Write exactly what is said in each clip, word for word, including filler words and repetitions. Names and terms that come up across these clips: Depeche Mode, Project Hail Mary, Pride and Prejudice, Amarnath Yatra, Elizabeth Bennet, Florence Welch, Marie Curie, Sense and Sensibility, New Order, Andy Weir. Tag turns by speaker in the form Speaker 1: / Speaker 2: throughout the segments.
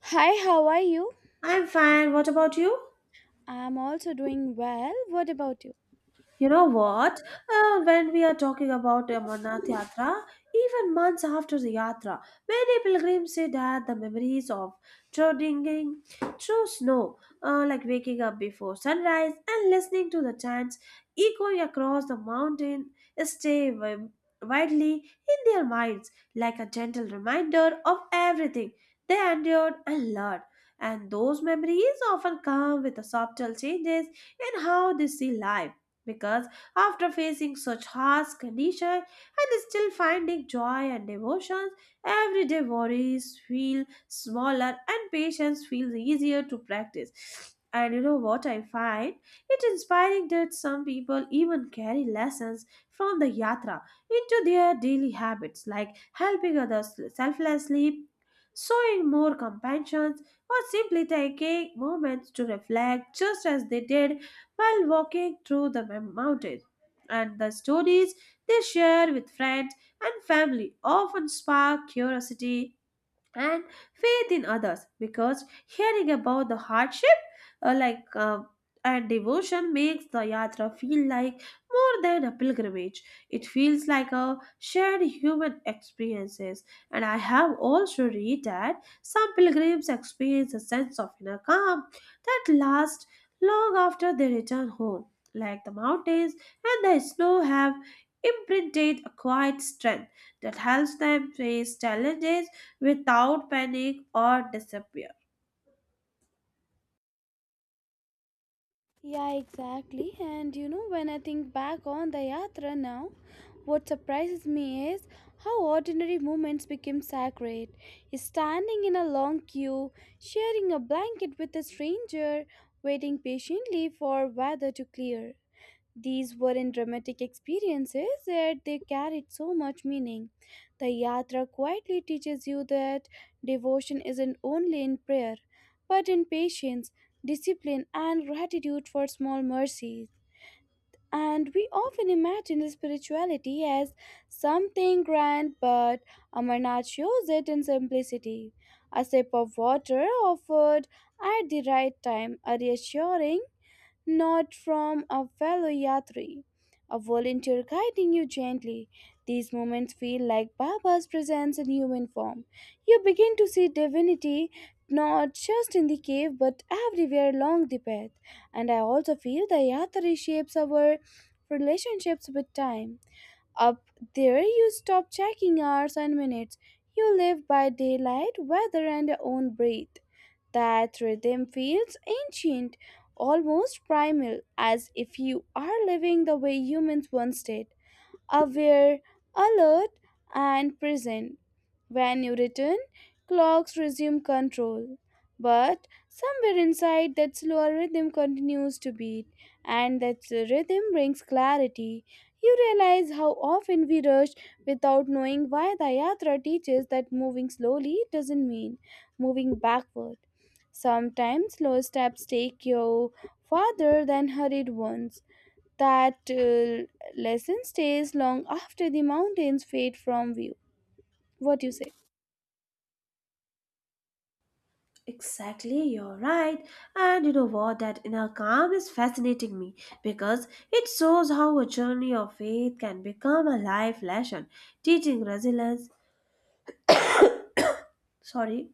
Speaker 1: Hi, how are you?
Speaker 2: I'm fine. What about you?
Speaker 1: I'm also doing well. What about you?
Speaker 2: You know what? Uh, when we are talking about Amarnath Yatra, even months after the Yatra, many pilgrims say that the memories of trudging through snow, uh, like waking up before sunrise and listening to the chants echoing across the mountain, stay wi- widely in their minds like a gentle reminder of everything they endured and learned. And those memories often come with the subtle changes in how they see life because after facing such harsh conditions and still finding joy and devotions, everyday worries feel smaller and patience feels easier to practice. And you know what I find? It inspiring that some people even carry lessons from the yatra into their daily habits like helping others selflessly, showing more compassion, or simply taking moments to reflect just as they did while walking through the mem- mountain. And the stories they share with friends and family often spark curiosity and faith in others because hearing about the hardship uh, like uh, and devotion makes the yatra feel like more than a pilgrimage, it feels like a shared human experiences. And I have also read that some pilgrims experience a sense of inner calm that lasts long after they return home, like the mountains and the snow have imprinted a quiet strength that helps them face challenges without panic or disappear.
Speaker 1: Yeah, exactly. And you know, when I think back on the Yatra now, what surprises me is how ordinary moments became sacred. Standing in a long queue, sharing a blanket with a stranger, waiting patiently for weather to clear. These weren't dramatic experiences, yet they carried so much meaning. The Yatra quietly teaches you that devotion isn't only in prayer, but in patience, discipline, and gratitude for small mercies. And we often imagine spirituality as something grand, but Amarnath shows it in simplicity. A sip of water offered at the right time, a reassuring not from a fellow yatri, a volunteer guiding you gently. These moments feel like Baba's presence in human form. You begin to see divinity not just in the cave but everywhere along the path. And I also feel the yatri shapes our relationships with time. Up there, you stop checking hours and minutes. You live by daylight, weather, and your own breath. That rhythm feels ancient, almost primal, as if you are living the way humans once did aware, alert, and present. When you return, clocks resume control. But somewhere inside, that slower rhythm continues to beat, and that rhythm brings clarity. You realize how often we rush without knowing why the yatra teaches that moving slowly doesn't mean moving backward. Sometimes slow steps take you farther than hurried ones. That uh, lesson stays long after the mountains fade from view. What do you say?
Speaker 2: Exactly, you're right. And you know what? That inner calm is fascinating me because it shows how a journey of faith can become a life lesson, teaching resilience, sorry,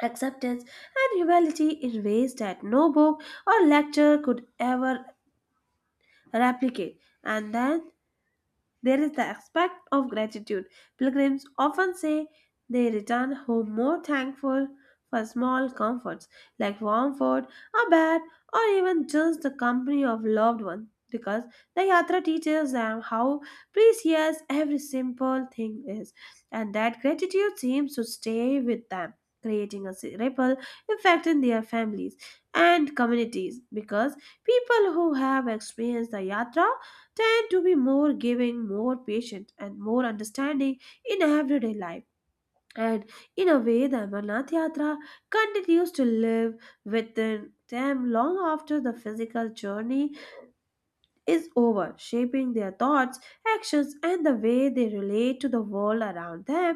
Speaker 2: acceptance, and humility in ways that no book or lecture could ever replicate. And then there is the aspect of gratitude. Pilgrims often say they return home more thankful for small comforts like warm food, a bed, or even just the company of loved ones because the yatra teaches them how precious every simple thing is, and that gratitude seems to stay with them, creating a ripple effect in their families and communities because people who have experienced the yatra tend to be more giving, more patient, and more understanding in everyday life. And in a way, the Amarnath Yatra continues to live within them long after the physical journey is over, shaping their thoughts, actions, and the way they relate to the world around them.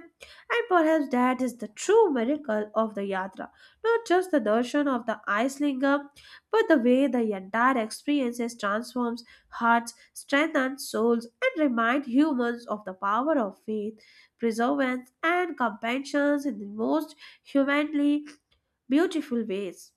Speaker 2: And perhaps that is the true miracle of the Yatra, not just the darshan of the ice lingam, but the way the entire experience is transforms hearts, strengthens souls, and reminds humans of the power of faith, perseverance, and compassion in the most humanly beautiful ways.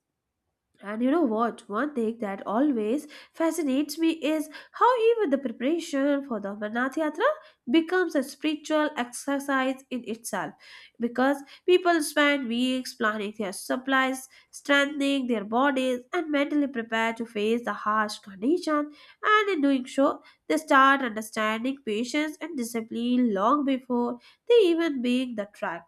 Speaker 2: And you know what? One thing that always fascinates me is how even the preparation for the Amarnath Yatra becomes a spiritual exercise in itself. Because people spend weeks planning their supplies, strengthening their bodies, and mentally prepare to face the harsh condition. And in doing so, they start understanding patience and discipline long before they even make the trek.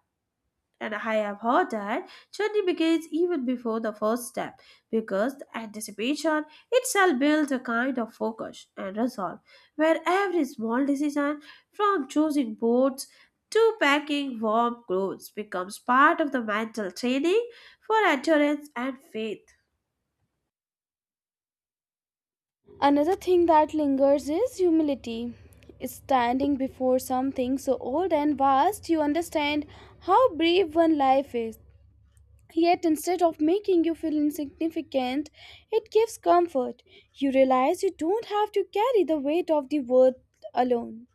Speaker 2: And I have heard that journey begins even before the first step, because the anticipation itself builds a kind of focus and resolve, where every small decision, from choosing boats to packing warm clothes, becomes part of the mental training for endurance and faith.
Speaker 1: Another thing that lingers is humility. Standing before something so old and vast, you understand how brief one life is. Yet instead of making you feel insignificant, it gives comfort. You realize you don't have to carry the weight of the world alone.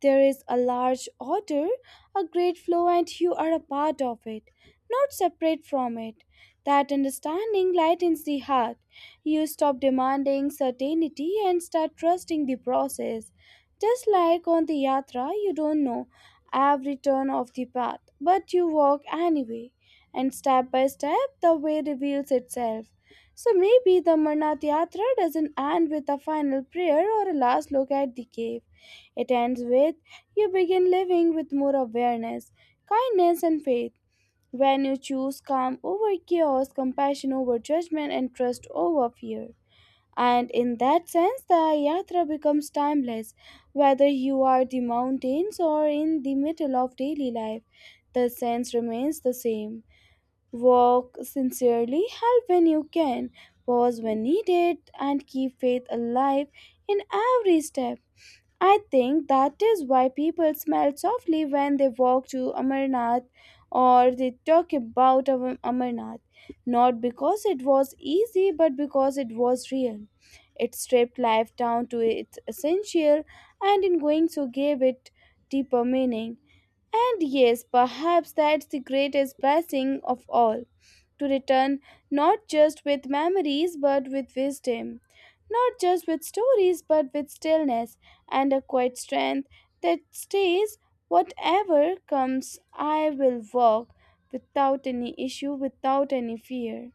Speaker 1: There is a large order, a great flow, and you are a part of it, not separate from it. That understanding lightens the heart. You stop demanding certainty and start trusting the process. Just like on the yatra, you don't know every turn of the path, but you walk anyway and step by step the way reveals itself. So maybe the Marnath Yatra doesn't end with a final prayer or a last look at the cave. It ends with you begin living with more awareness, kindness, and faith. When you choose calm over chaos, compassion over judgment, and trust over fear. And in that sense, the yatra becomes timeless, whether you are the mountains or in the middle of daily life. The sense remains the same. Walk sincerely, help when you can, pause when needed, and keep faith alive in every step. I think that is why people smile softly when they walk to Amarnath or they talk about Am- Amarnath. Not because it was easy, but because it was real. It stripped life down to its essential and in going so gave it deeper meaning. And yes, perhaps that's the greatest blessing of all to return not just with memories but with wisdom not just with stories but with stillness and a quiet strength that stays whatever comes I will walk without any issue without any fear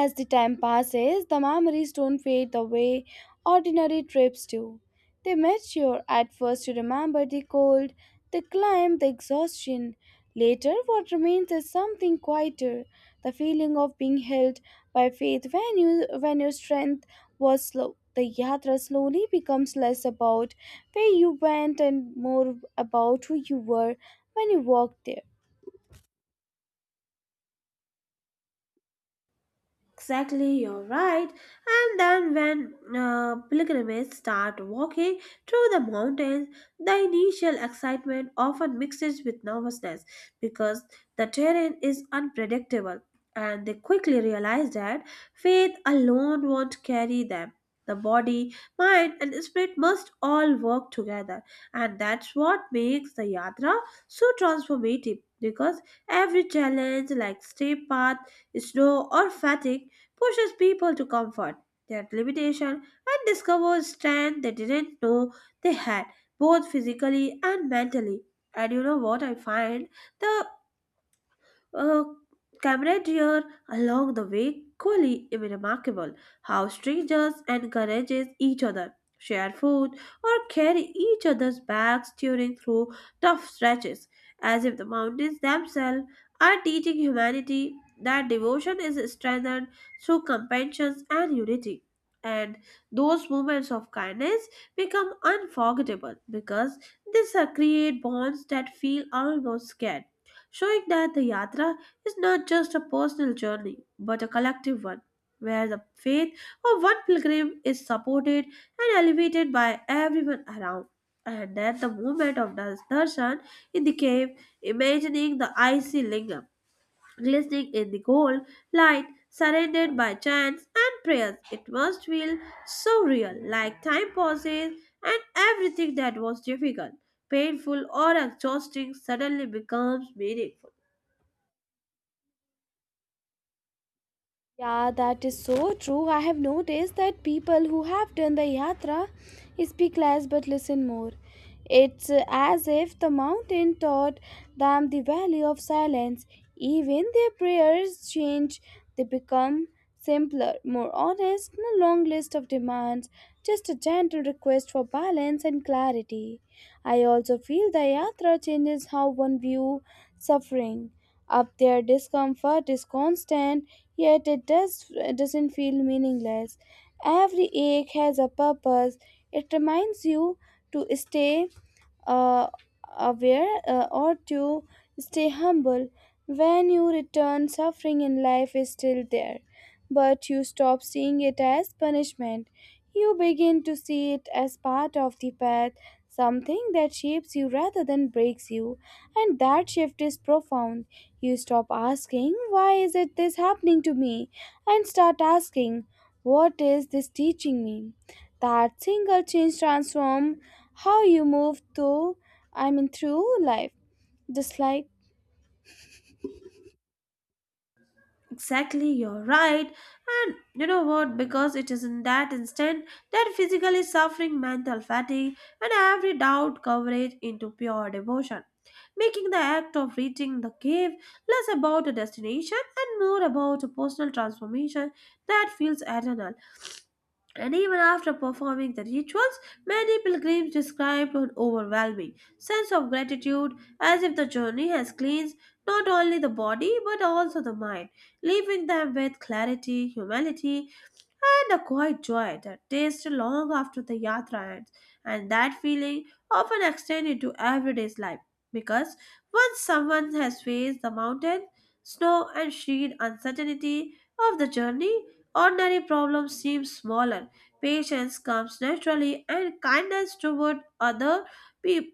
Speaker 1: as the time passes, the memories don't fade the way ordinary trips do. They mature. At first, you remember the cold, the climb, the exhaustion. Later, what remains is something quieter the feeling of being held by faith when, you, when your strength was slow. The yatra slowly becomes less about where you went and more about who you were when you walked there.
Speaker 2: Exactly, you're right. And then when uh, pilgrims start walking through the mountains, the initial excitement often mixes with nervousness because the terrain is unpredictable and they quickly realize that faith alone won't carry them. The body, mind, and spirit must all work together, and that's what makes the yatra so transformative because every challenge, like steep path, snow, or fatigue, pushes people to comfort their limitation and discover strength they didn't know they had, both physically and mentally. And you know what I find? The uh, camaraderie along the way equally remarkable. How strangers encourages each other, share food, or carry each other's bags during through tough stretches, as if the mountains themselves are teaching humanity that devotion is strengthened through compassion and unity. And those moments of kindness become unforgettable because these are create bonds that feel almost scared, showing that the yatra is not just a personal journey but a collective one, where the faith of one pilgrim is supported and elevated by everyone around. And then the moment of das- darshan in the cave, imagining the icy lingam glistening in the gold light, surrounded by chants and prayers, it must feel so real, like time pauses and everything that was difficult, painful, or exhausting suddenly becomes meaningful.
Speaker 1: Yeah, that is so true. I have noticed that people who have done the yatra speak less but listen more. It's uh, as if the mountain taught them the value of silence. Even their prayers change, they become simpler, more honest, no long list of demands, just a gentle request for balance and clarity. I also feel the yatra changes how one view suffering. Up there, discomfort is constant, yet it does doesn't feel meaningless. Every ache has a purpose. It reminds you to stay uh, aware uh, or to stay humble. When you return, suffering in life is still there, but you stop seeing it as punishment. You begin to see it as part of the path, something that shapes you rather than breaks you, and that shift is profound. You stop asking, why is it this happening to me? And start asking, what is this teaching me? That single change transform how you move through I mean through life. Just like
Speaker 2: Exactly, you're right. And you know what? Because it is in that instant that physically suffering mental fatigue and every doubt coverage into pure devotion, making the act of reaching the cave less about a destination and more about a personal transformation that feels eternal. And even after performing the rituals, many pilgrims described an overwhelming sense of gratitude as if the journey has cleansed not only the body but also the mind, leaving them with clarity, humility, and a quiet joy that tastes long after the yatra ends, and that feeling often extends into everyday's life because once someone has faced the mountain, snow, and sheer uncertainty of the journey, ordinary problems seem smaller. Patience comes naturally, and kindness toward other people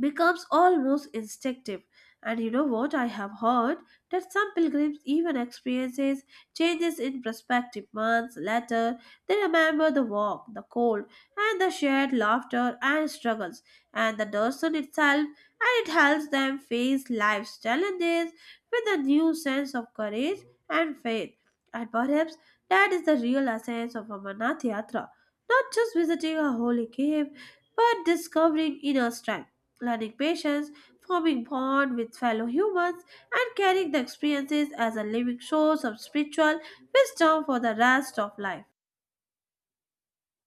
Speaker 2: becomes almost instinctive. And you know what? I have heard that some pilgrims even experiences changes in perspective months later. They remember the walk, the cold, and the shared laughter and struggles, and the Darsan itself, and it helps them face life's challenges with a new sense of courage and faith. And perhaps that is the real essence of Amarnath Yatra, not just visiting a holy cave, but discovering inner strength, learning patience, forming bond with fellow humans, and carrying the experiences as a living source of spiritual wisdom for the rest of life.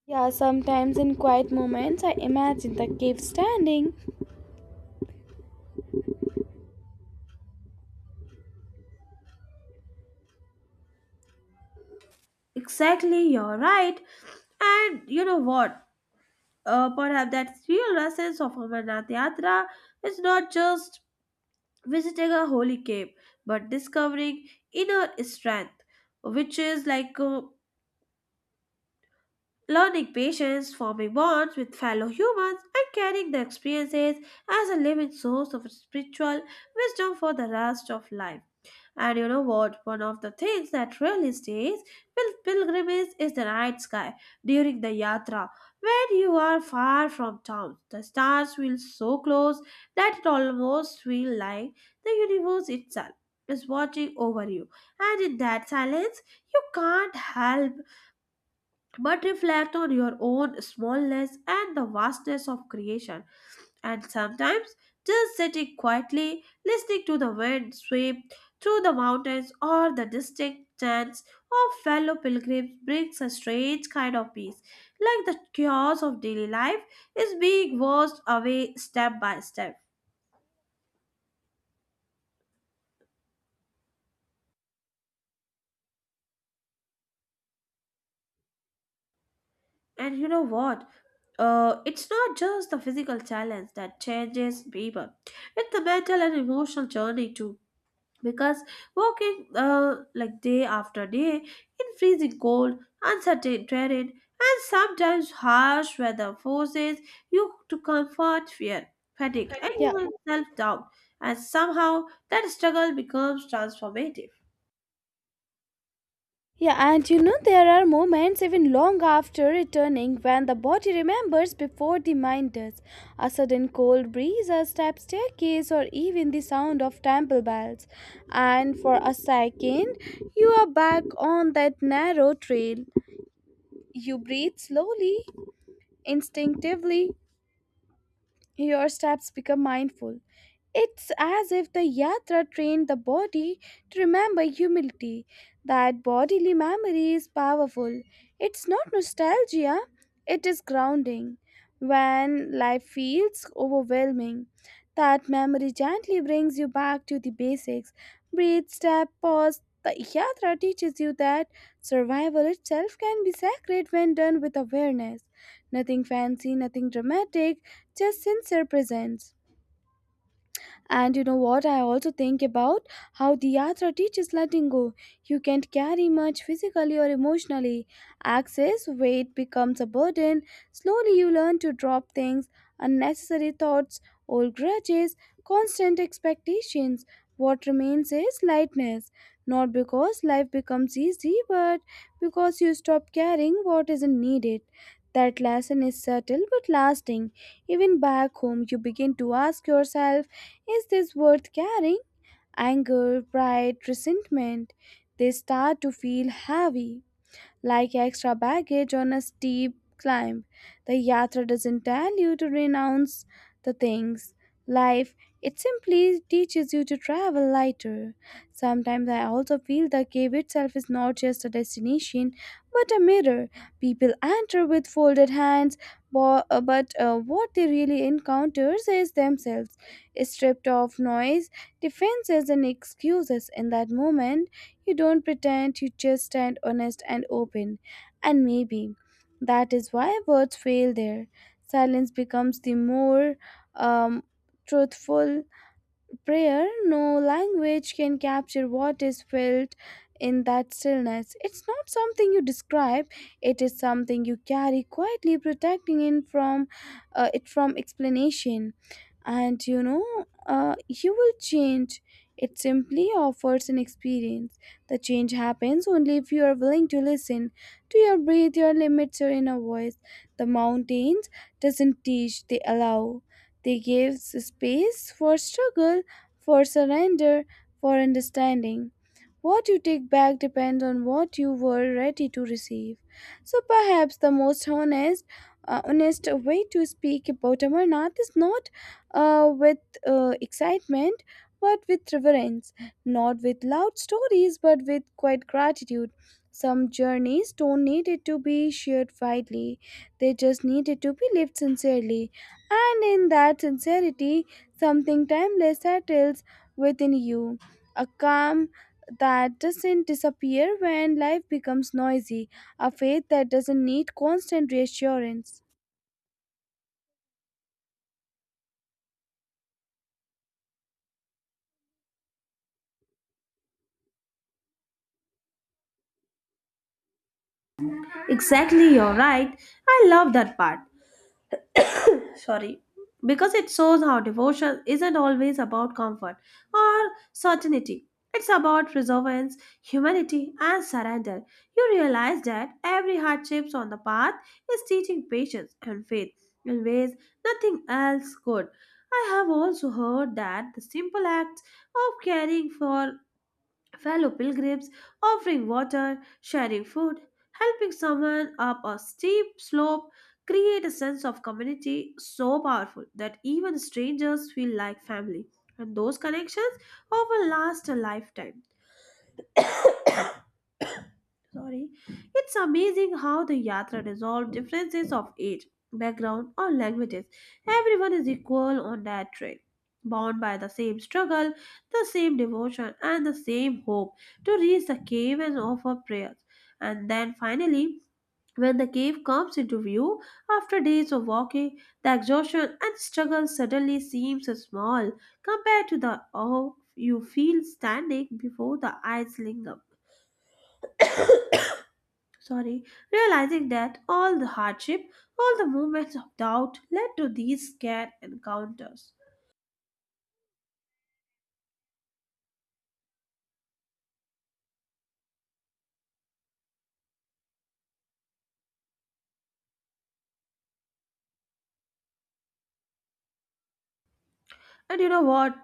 Speaker 1: yeah, sometimes in quiet moments I imagine the cave standing.
Speaker 2: Exactly, you're right. And you know what? Uh, perhaps that real essence of Amarnath Yatra is not just visiting a holy cave, but discovering inner strength, which is like uh, learning patience, forming bonds with fellow humans, and carrying the experiences as a living source of spiritual wisdom for the rest of life. And you know what? One of the things that really stays with pilgrimage is the night sky during the yatra. When you are far from town, the stars feel so close that it almost feels like the universe itself is watching over you. And in that silence, you can't help but reflect on your own smallness and the vastness of creation. And sometimes, just sitting quietly, listening to the wind sweep through the mountains or the distinct chants of fellow pilgrims brings a strange kind of peace, like the chaos of daily life is being washed away step by step. And you know what? Uh, it's not just the physical challenge that changes people. It's the mental and emotional journey too because walking uh, like day after day in freezing cold, uncertain terrain, and sometimes harsh weather forces you to comfort fear, fatigue, and
Speaker 1: Yeah.
Speaker 2: even self doubt, and somehow that struggle becomes transformative.
Speaker 1: Yeah, and you know there are moments even long after returning when the body remembers before the mind does. A sudden cold breeze, a step staircase, or even the sound of temple bells. And for a second, you are back on that narrow trail. You breathe slowly, instinctively, your steps become mindful. It's as if the yatra trained the body to remember humility. That bodily memory is powerful. It's not nostalgia, it is grounding. When life feels overwhelming, that memory gently brings you back to the basics. Breathe, step, pause. The yatra teaches you that survival itself can be sacred when done with awareness. Nothing fancy, nothing dramatic, just sincere presence. And you know what? I also think about how the yatra teaches letting go. You can't carry much physically or emotionally. Excess weight becomes a burden. Slowly, you learn to drop things, unnecessary thoughts, old grudges, constant expectations. What remains is lightness. Not because life becomes easy, but because you stop caring what isn't needed. That lesson is subtle but lasting. Even back home, you begin to ask yourself is this worth carrying? Anger, pride, resentment, they start to feel heavy like extra baggage on a steep climb. The yatra doesn't tell you to renounce the things. Life, it simply teaches you to travel lighter. Sometimes I also feel the cave itself is not just a destination, but a mirror. People enter with folded hands, bo- uh, but uh, what they really encounters is themselves, stripped of noise, defenses, and excuses. In that moment, you don't pretend, you just stand honest and open. And maybe that is why words fail there. Silence becomes the more um, truthful prayer, no language can capture what is felt in that stillness. It's not something you describe, it is something you carry quietly, protecting it from, uh, it from explanation. And you know, uh, you will change. It simply offers an experience. The change happens only if you are willing to listen to your breath, your limits, your inner voice. The mountains doesn't teach, they allow. They give space for struggle, for surrender, for understanding. What you take back depends on what you were ready to receive. So perhaps the most honest, uh, honest way to speak about Amarnath is not uh, with uh, excitement, but with reverence. Not with loud stories, but with quiet gratitude. Some journeys don't need it to be shared widely; they just needed to be lived sincerely. And in that sincerity, something timeless settles within you. A calm that doesn't disappear when life becomes noisy, a faith that doesn't need constant reassurance.
Speaker 2: Exactly, you're right. I love that part, sorry, because it shows how devotion isn't always about comfort or certainty, it's about perseverance, humanity, and surrender. You realize that every hardship on the path is teaching patience and faith in ways nothing else could. I have also heard that the simple act of caring for fellow pilgrims, offering water, sharing food, helping someone up a steep slope create a sense of community so powerful that even strangers feel like family. And those connections often last a lifetime. Sorry. It's amazing how the Yatra resolved differences of age, background, or languages. Everyone is equal on that train, bound by the same struggle, the same devotion, and the same hope to reach the cave and offer prayers. And then finally, when the cave comes into view, after days of walking, the exhaustion and struggle suddenly seems small compared to the awe you feel standing before the ice lingam, sorry, realizing that all the hardship, all the moments of doubt led to these scared encounters. And you know what?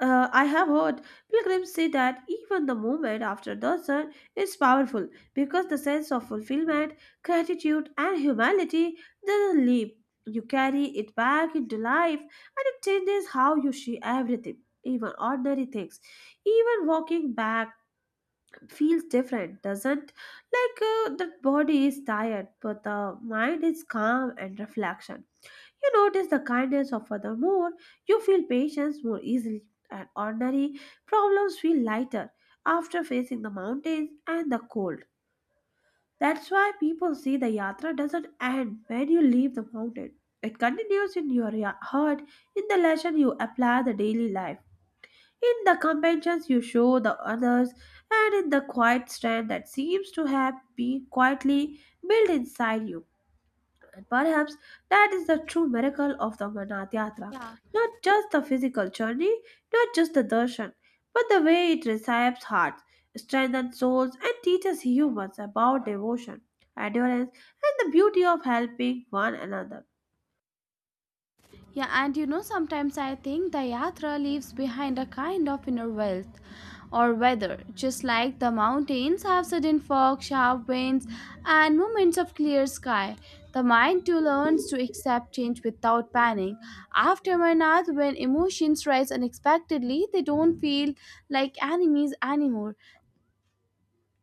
Speaker 2: Uh, I have heard pilgrims say that even the moment after the sun is powerful because the sense of fulfillment, gratitude, and humanity doesn't leave. You carry it back into life and it changes how you see everything, even ordinary things. Even walking back feels different doesn't like uh, the body is tired but the mind is calm and reflection. You notice the kindness of other more, you feel patience more easily, and ordinary problems feel lighter after facing the mountains and the cold. That's why people say the yatra doesn't end when you leave the mountain, it continues in your ya- heart, in the lesson you apply the daily life, in the conventions you show the others, and in the quiet strength that seems to have been quietly built inside you. And perhaps that is the true miracle of the Amarnath Yatra.
Speaker 1: Yeah.
Speaker 2: Not just the physical journey, not just the darshan, but the way it reshapes hearts, strengthens souls, and teaches humans about devotion, endurance, and the beauty of helping one another.
Speaker 1: Yeah, and you know, sometimes I think the Yatra leaves behind a kind of inner wealth or weather, just like the mountains have sudden fog, sharp winds, and moments of clear sky. The mind too learns to accept change without panic. After Marnath, when emotions rise unexpectedly, they don't feel like enemies anymore.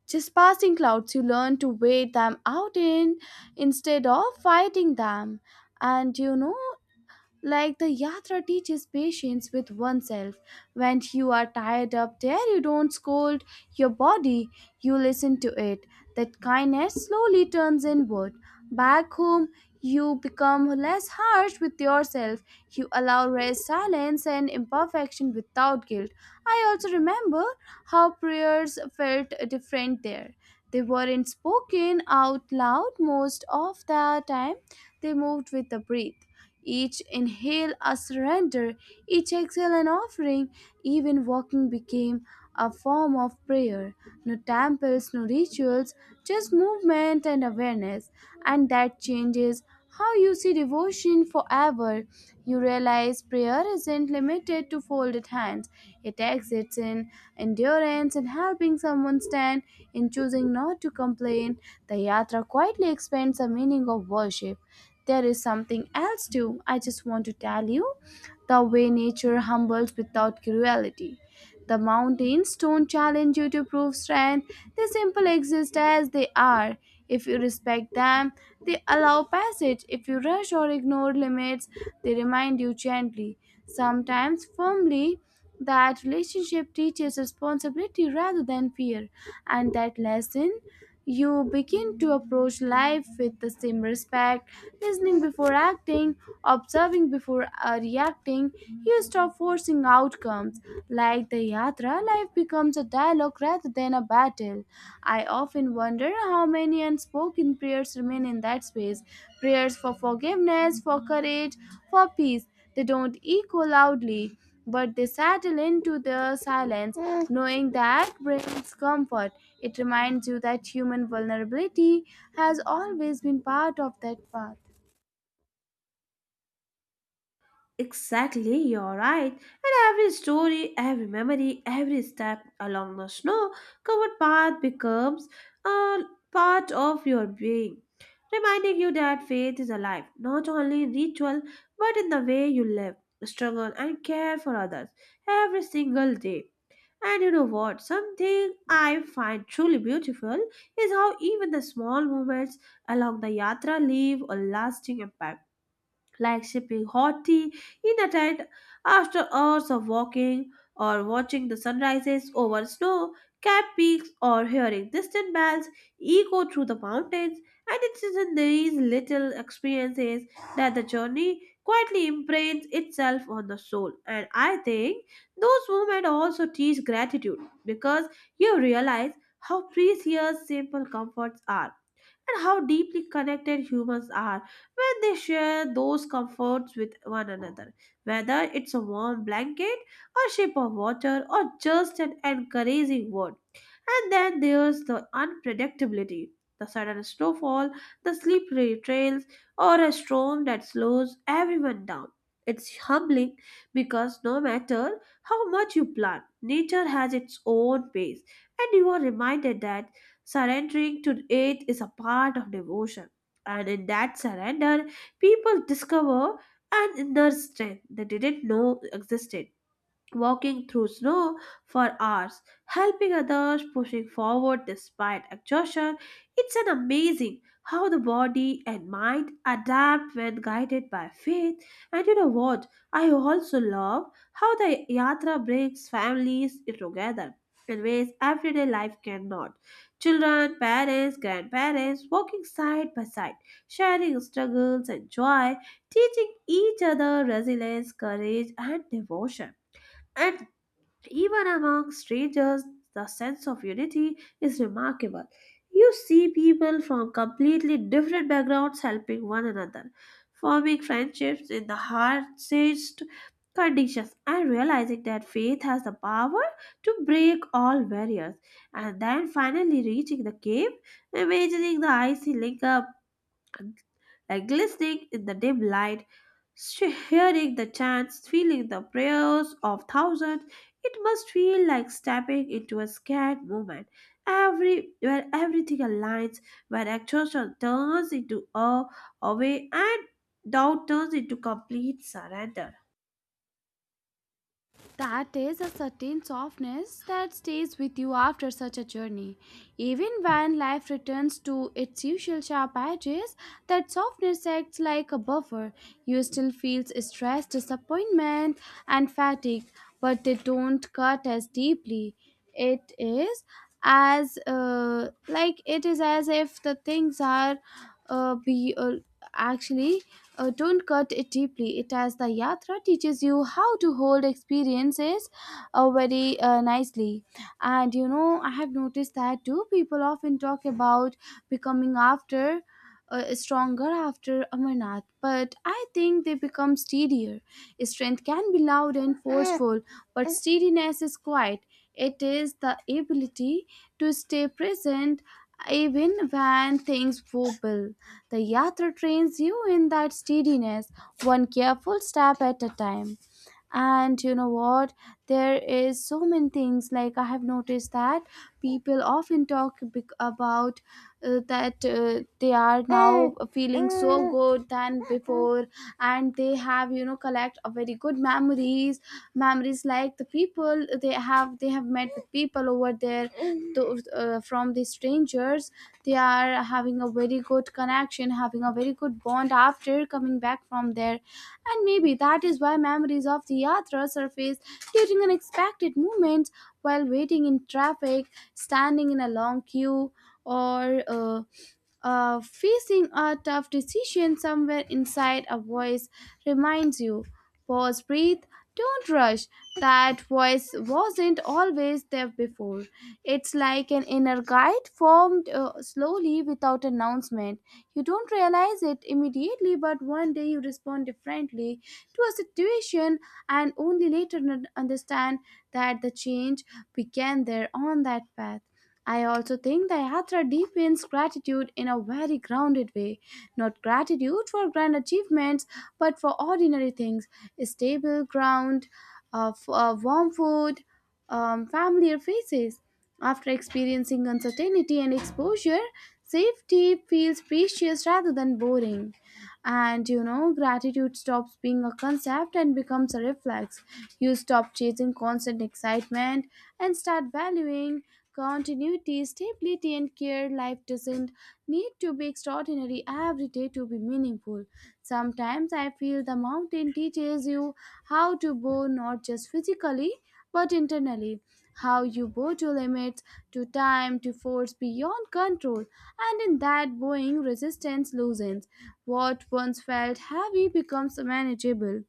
Speaker 1: Just passing clouds, you learn to wait them out in instead of fighting them. And you know, like the yatra teaches patience with oneself. When you are tired up there, you don't scold your body, you listen to it. That kindness slowly turns inward. Back home, you become less harsh with yourself. You allow rest, silence, and imperfection without guilt. I also remember how prayers felt different there. They weren't spoken out loud most of the time, they moved with the breath. Each inhale a surrender, each exhale an offering. Even walking became a form of prayer. No temples, no rituals, just movement and awareness. And that changes how you see devotion forever. You realize prayer isn't limited to folded hands, it exists in endurance, in helping someone stand, in choosing not to complain. The yatra quietly expands the meaning of worship. There is something else too. I just want to tell you the way nature humbles without cruelty. The mountains don't challenge you to prove strength, they simply exist as they are. If you respect them, they allow passage. If you rush or ignore limits, they remind you gently, sometimes firmly, that relationship teaches responsibility rather than fear. And that lesson you begin to approach life with the same respect, listening before acting, observing before uh, reacting. You stop forcing outcomes. Like the yatra, life becomes a dialogue rather than a battle. I often wonder how many unspoken prayers remain in that space prayers for forgiveness, for courage, for peace. They don't echo loudly, but they settle into the silence, knowing that brings comfort. It reminds you that human vulnerability has always been part of that path.
Speaker 2: Exactly, you're right. And every story, every memory, every step along the snow covered path becomes a part of your being, reminding you that faith is alive, not only in ritual, but in the way you live, struggle, and care for others every single day. And you know what? Something I find truly beautiful is how even the small moments along the yatra leave a lasting impact, like sipping hot tea in the tent after hours of walking, or watching the sunrises over snow capped peaks, or hearing distant bells echo through the mountains. And it is in these little experiences that the journey quietly imprints itself on the soul, and I think those moments also teach gratitude, because you realize how precious simple comforts are and how deeply connected humans are when they share those comforts with one another. Whether it's a warm blanket, a sip of water, or just an encouraging word. And then there's the unpredictability, the sudden snowfall, the slippery trails, or a storm that slows everyone down. It's humbling, because no matter how much you plan, nature has its own pace, and you are reminded that surrendering to it is a part of devotion. And in that surrender, people discover an inner strength they didn't know existed, walking through snow for hours, helping others, pushing forward despite exhaustion. It's an amazing how the body and mind adapt when guided by faith. And you know what? I also love how the yatra brings families together in ways everyday life cannot. Children, parents, grandparents walking side by side, sharing struggles and joy, teaching each other resilience, courage, and devotion. And even among strangers, the sense of unity is remarkable. You see people from completely different backgrounds helping one another, forming friendships in the hardest conditions, and realizing that faith has the power to break all barriers. And then finally reaching the cave, imagining the icy link up and, like, glistening in the dim light, sh- hearing the chants, feeling the prayers of thousands, it must feel like stepping into a scared moment. Every where everything aligns, where exhaustion turns into awe, away, and doubt turns into complete surrender.
Speaker 1: That is a certain softness that stays with you after such a journey. Even when life returns to its usual sharp edges, that softness acts like a buffer. You still feel stress, disappointment, and fatigue, but they don't cut as deeply. It is as uh, like it is as if the things are uh, be uh, Actually, uh, don't cut it deeply. It as the yatra teaches you how to hold experiences uh, very uh, nicely. And you know, I have noticed that too. People often talk about becoming after uh, stronger after Amarnath, but I think they become steadier. Strength can be loud and forceful, but steadiness is quiet. It is the ability to stay present even when things wobble. The yatra trains you in that steadiness, one careful step at a time. And you know what, there is so many things, like I have noticed that people often talk bec- about uh, that uh, they are now feeling so good than before, and they have, you know, collect a very good memories memories like the people they have they have met with people over there, those, uh, from the strangers. They are having a very good connection, having a very good bond after coming back from there. And maybe Maybe that is why memories of the yatra surface during unexpected moments, while waiting in traffic, standing in a long queue, or uh, uh, facing a tough decision, somewhere inside a voice reminds you. Pause, breathe, don't rush. That voice wasn't always there before. It's like an inner guide formed uh, slowly without announcement. You don't realize it immediately, but one day you respond differently to a situation, and only later n- understand that the change began there on that path. I also think the Yatra deepens gratitude in a very grounded way. Not gratitude for grand achievements, but for ordinary things: stable ground, uh, f- uh, warm food, um, familiar faces. After experiencing uncertainty and exposure, safety feels precious rather than boring. And you know, gratitude stops being a concept and becomes a reflex. You stop chasing constant excitement and start valuing continuity, stability, and care. Life doesn't need to be extraordinary every day to be meaningful. Sometimes I feel the mountain teaches you how to bow, not just physically but internally, how you bow to limits, to time, to force beyond control. And in that bowing, resistance loosens, what once felt heavy becomes manageable.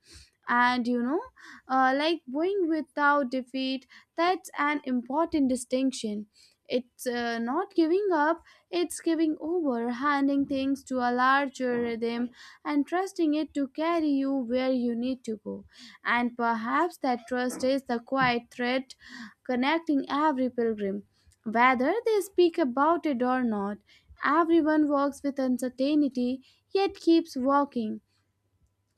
Speaker 1: And you know, uh, like going without defeat, that's an important distinction. It's uh, not giving up, it's giving over, handing things to a larger rhythm and trusting it to carry you where you need to go. And perhaps that trust is the quiet thread connecting every pilgrim. Whether they speak about it or not, everyone walks with uncertainty yet keeps walking.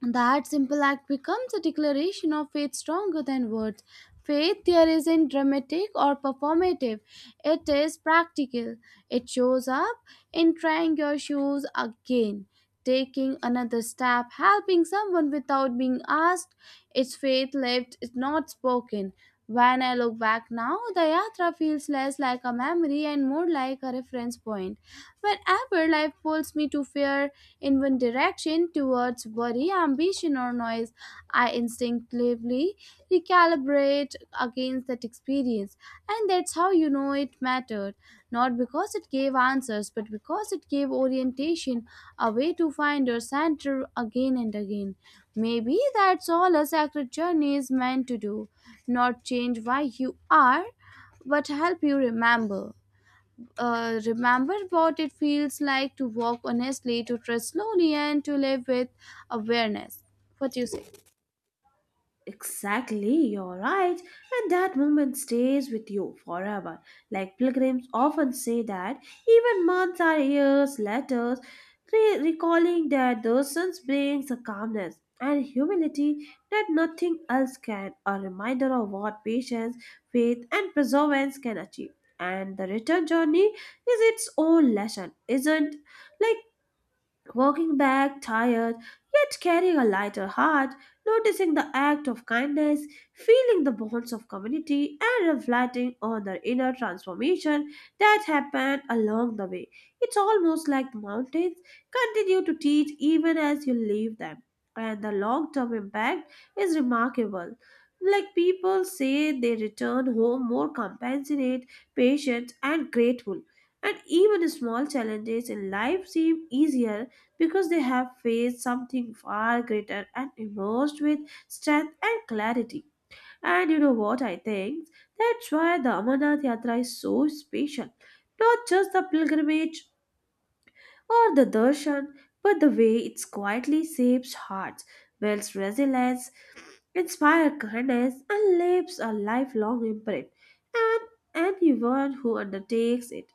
Speaker 1: That simple act becomes a declaration of faith stronger than words. Faith there isn't dramatic or performative, it is practical. It shows up in trying your shoes again, taking another step, helping someone without being asked. It's faith lived, it's not spoken. When I look back now, the yatra feels less like a memory and more like a reference point. Whenever life pulls me to fear in one direction, towards worry, ambition, or noise, I instinctively recalibrate against that experience. And that's how you know it mattered. Not because it gave answers, but because it gave orientation, a way to find your center again and again. Maybe that's all a sacred journey is meant to do. Not change why you are, but help you remember uh, remember what it feels like to walk honestly, to trust slowly, and to live with awareness. What do you say?
Speaker 2: Exactly, you're right. And that moment stays with you forever. Like pilgrims often say that even months or years later, re- recalling that those sons brings a calmness and humility that nothing else can, a reminder of what patience, faith, and perseverance can achieve. And the return journey is its own lesson, isn't like walking back, tired, yet carrying a lighter heart, noticing the act of kindness, feeling the bonds of community, and reflecting on the inner transformation that happened along the way. It's almost like the mountains continue to teach even as you leave them, and the long term impact is remarkable. Like people say, they return home more compassionate, patient, and grateful, and even small challenges in life seem easier because they have faced something far greater and emerged with strength and clarity. And you know what I think? That's why the Amarnath Yatra is so special. Not just the pilgrimage or the darshan, but the way it quietly shapes hearts, builds resilience, inspires kindness, and leaves a lifelong imprint. And anyone who undertakes it,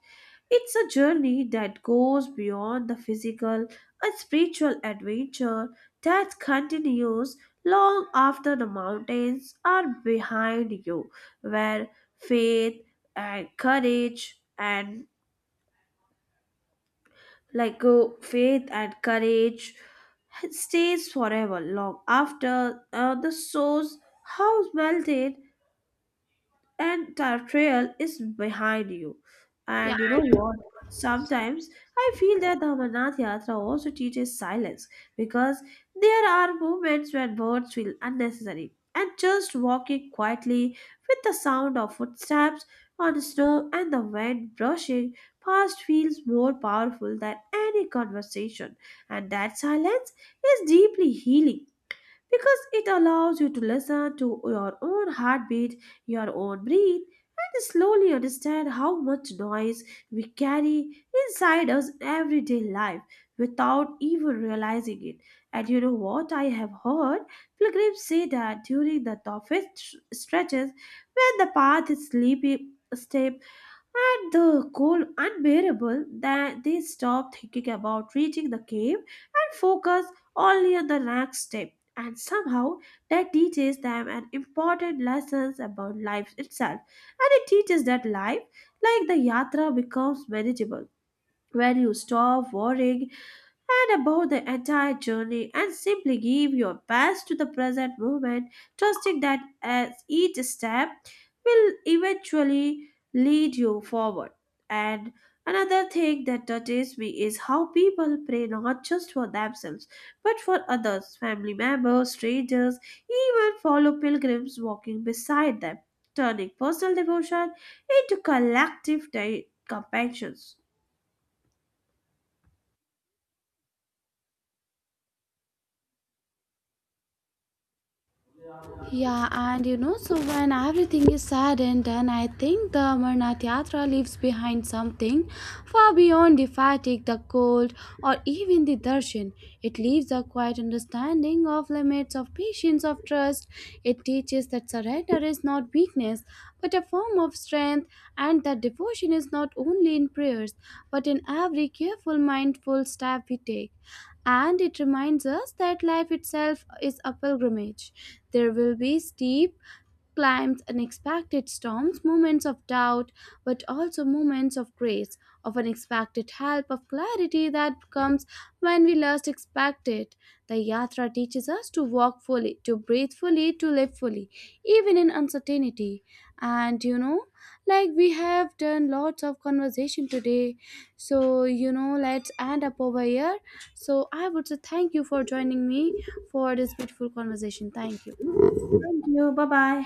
Speaker 2: it's a journey that goes beyond the physical and spiritual, adventure that continues long after the mountains are behind you, where faith and courage and like uh, faith and courage stays forever long after uh, the soul's house melted and that trail is behind you. And you know what? Sometimes I feel that the Amarnath Yatra also teaches silence, because there are moments when words feel unnecessary. And just walking quietly with the sound of footsteps on snow and the wind brushing past feels more powerful than any conversation. And that silence is deeply healing, because it allows you to listen to your own heartbeat, your own breath, and slowly understand how much noise we carry inside us everyday life without even realizing it. And you know what? I have heard pilgrims say that during the toughest stretches, when the path is sleepy, step at the cold unbearable, that they stop thinking about reaching the cave and focus only on the next step. And somehow that teaches them an important lessons about life itself. And it teaches that life, like the yatra, becomes manageable. When you stop worrying and about the entire journey and simply give your best to the present moment, trusting that as each step will eventually lead you forward. And another thing that touches me is how people pray not just for themselves but for others, family members, strangers, even fellow pilgrims walking beside them, turning personal devotion into collective de- compassion.
Speaker 1: Yeah, and you know, so when everything is said and done, I think the Amarnath Yatra leaves behind something far beyond the fatigue, the cold, or even the darshan. It leaves a quiet understanding of limits, of patience, of trust. It teaches that surrender is not weakness, but a form of strength, and that devotion is not only in prayers, but in every careful, mindful step we take. And it reminds us that life itself is a pilgrimage. There will be steep climbs, unexpected storms, moments of doubt, but also moments of grace, of unexpected help, of clarity that comes when we least expect it. The Yatra teaches us to walk fully, to breathe fully, to live fully, even in uncertainty. And you know, like we have done lots of conversation today. So, you know, let's end up over here. So, I would say thank you for joining me for this beautiful conversation. Thank you.
Speaker 2: Thank you. Bye bye.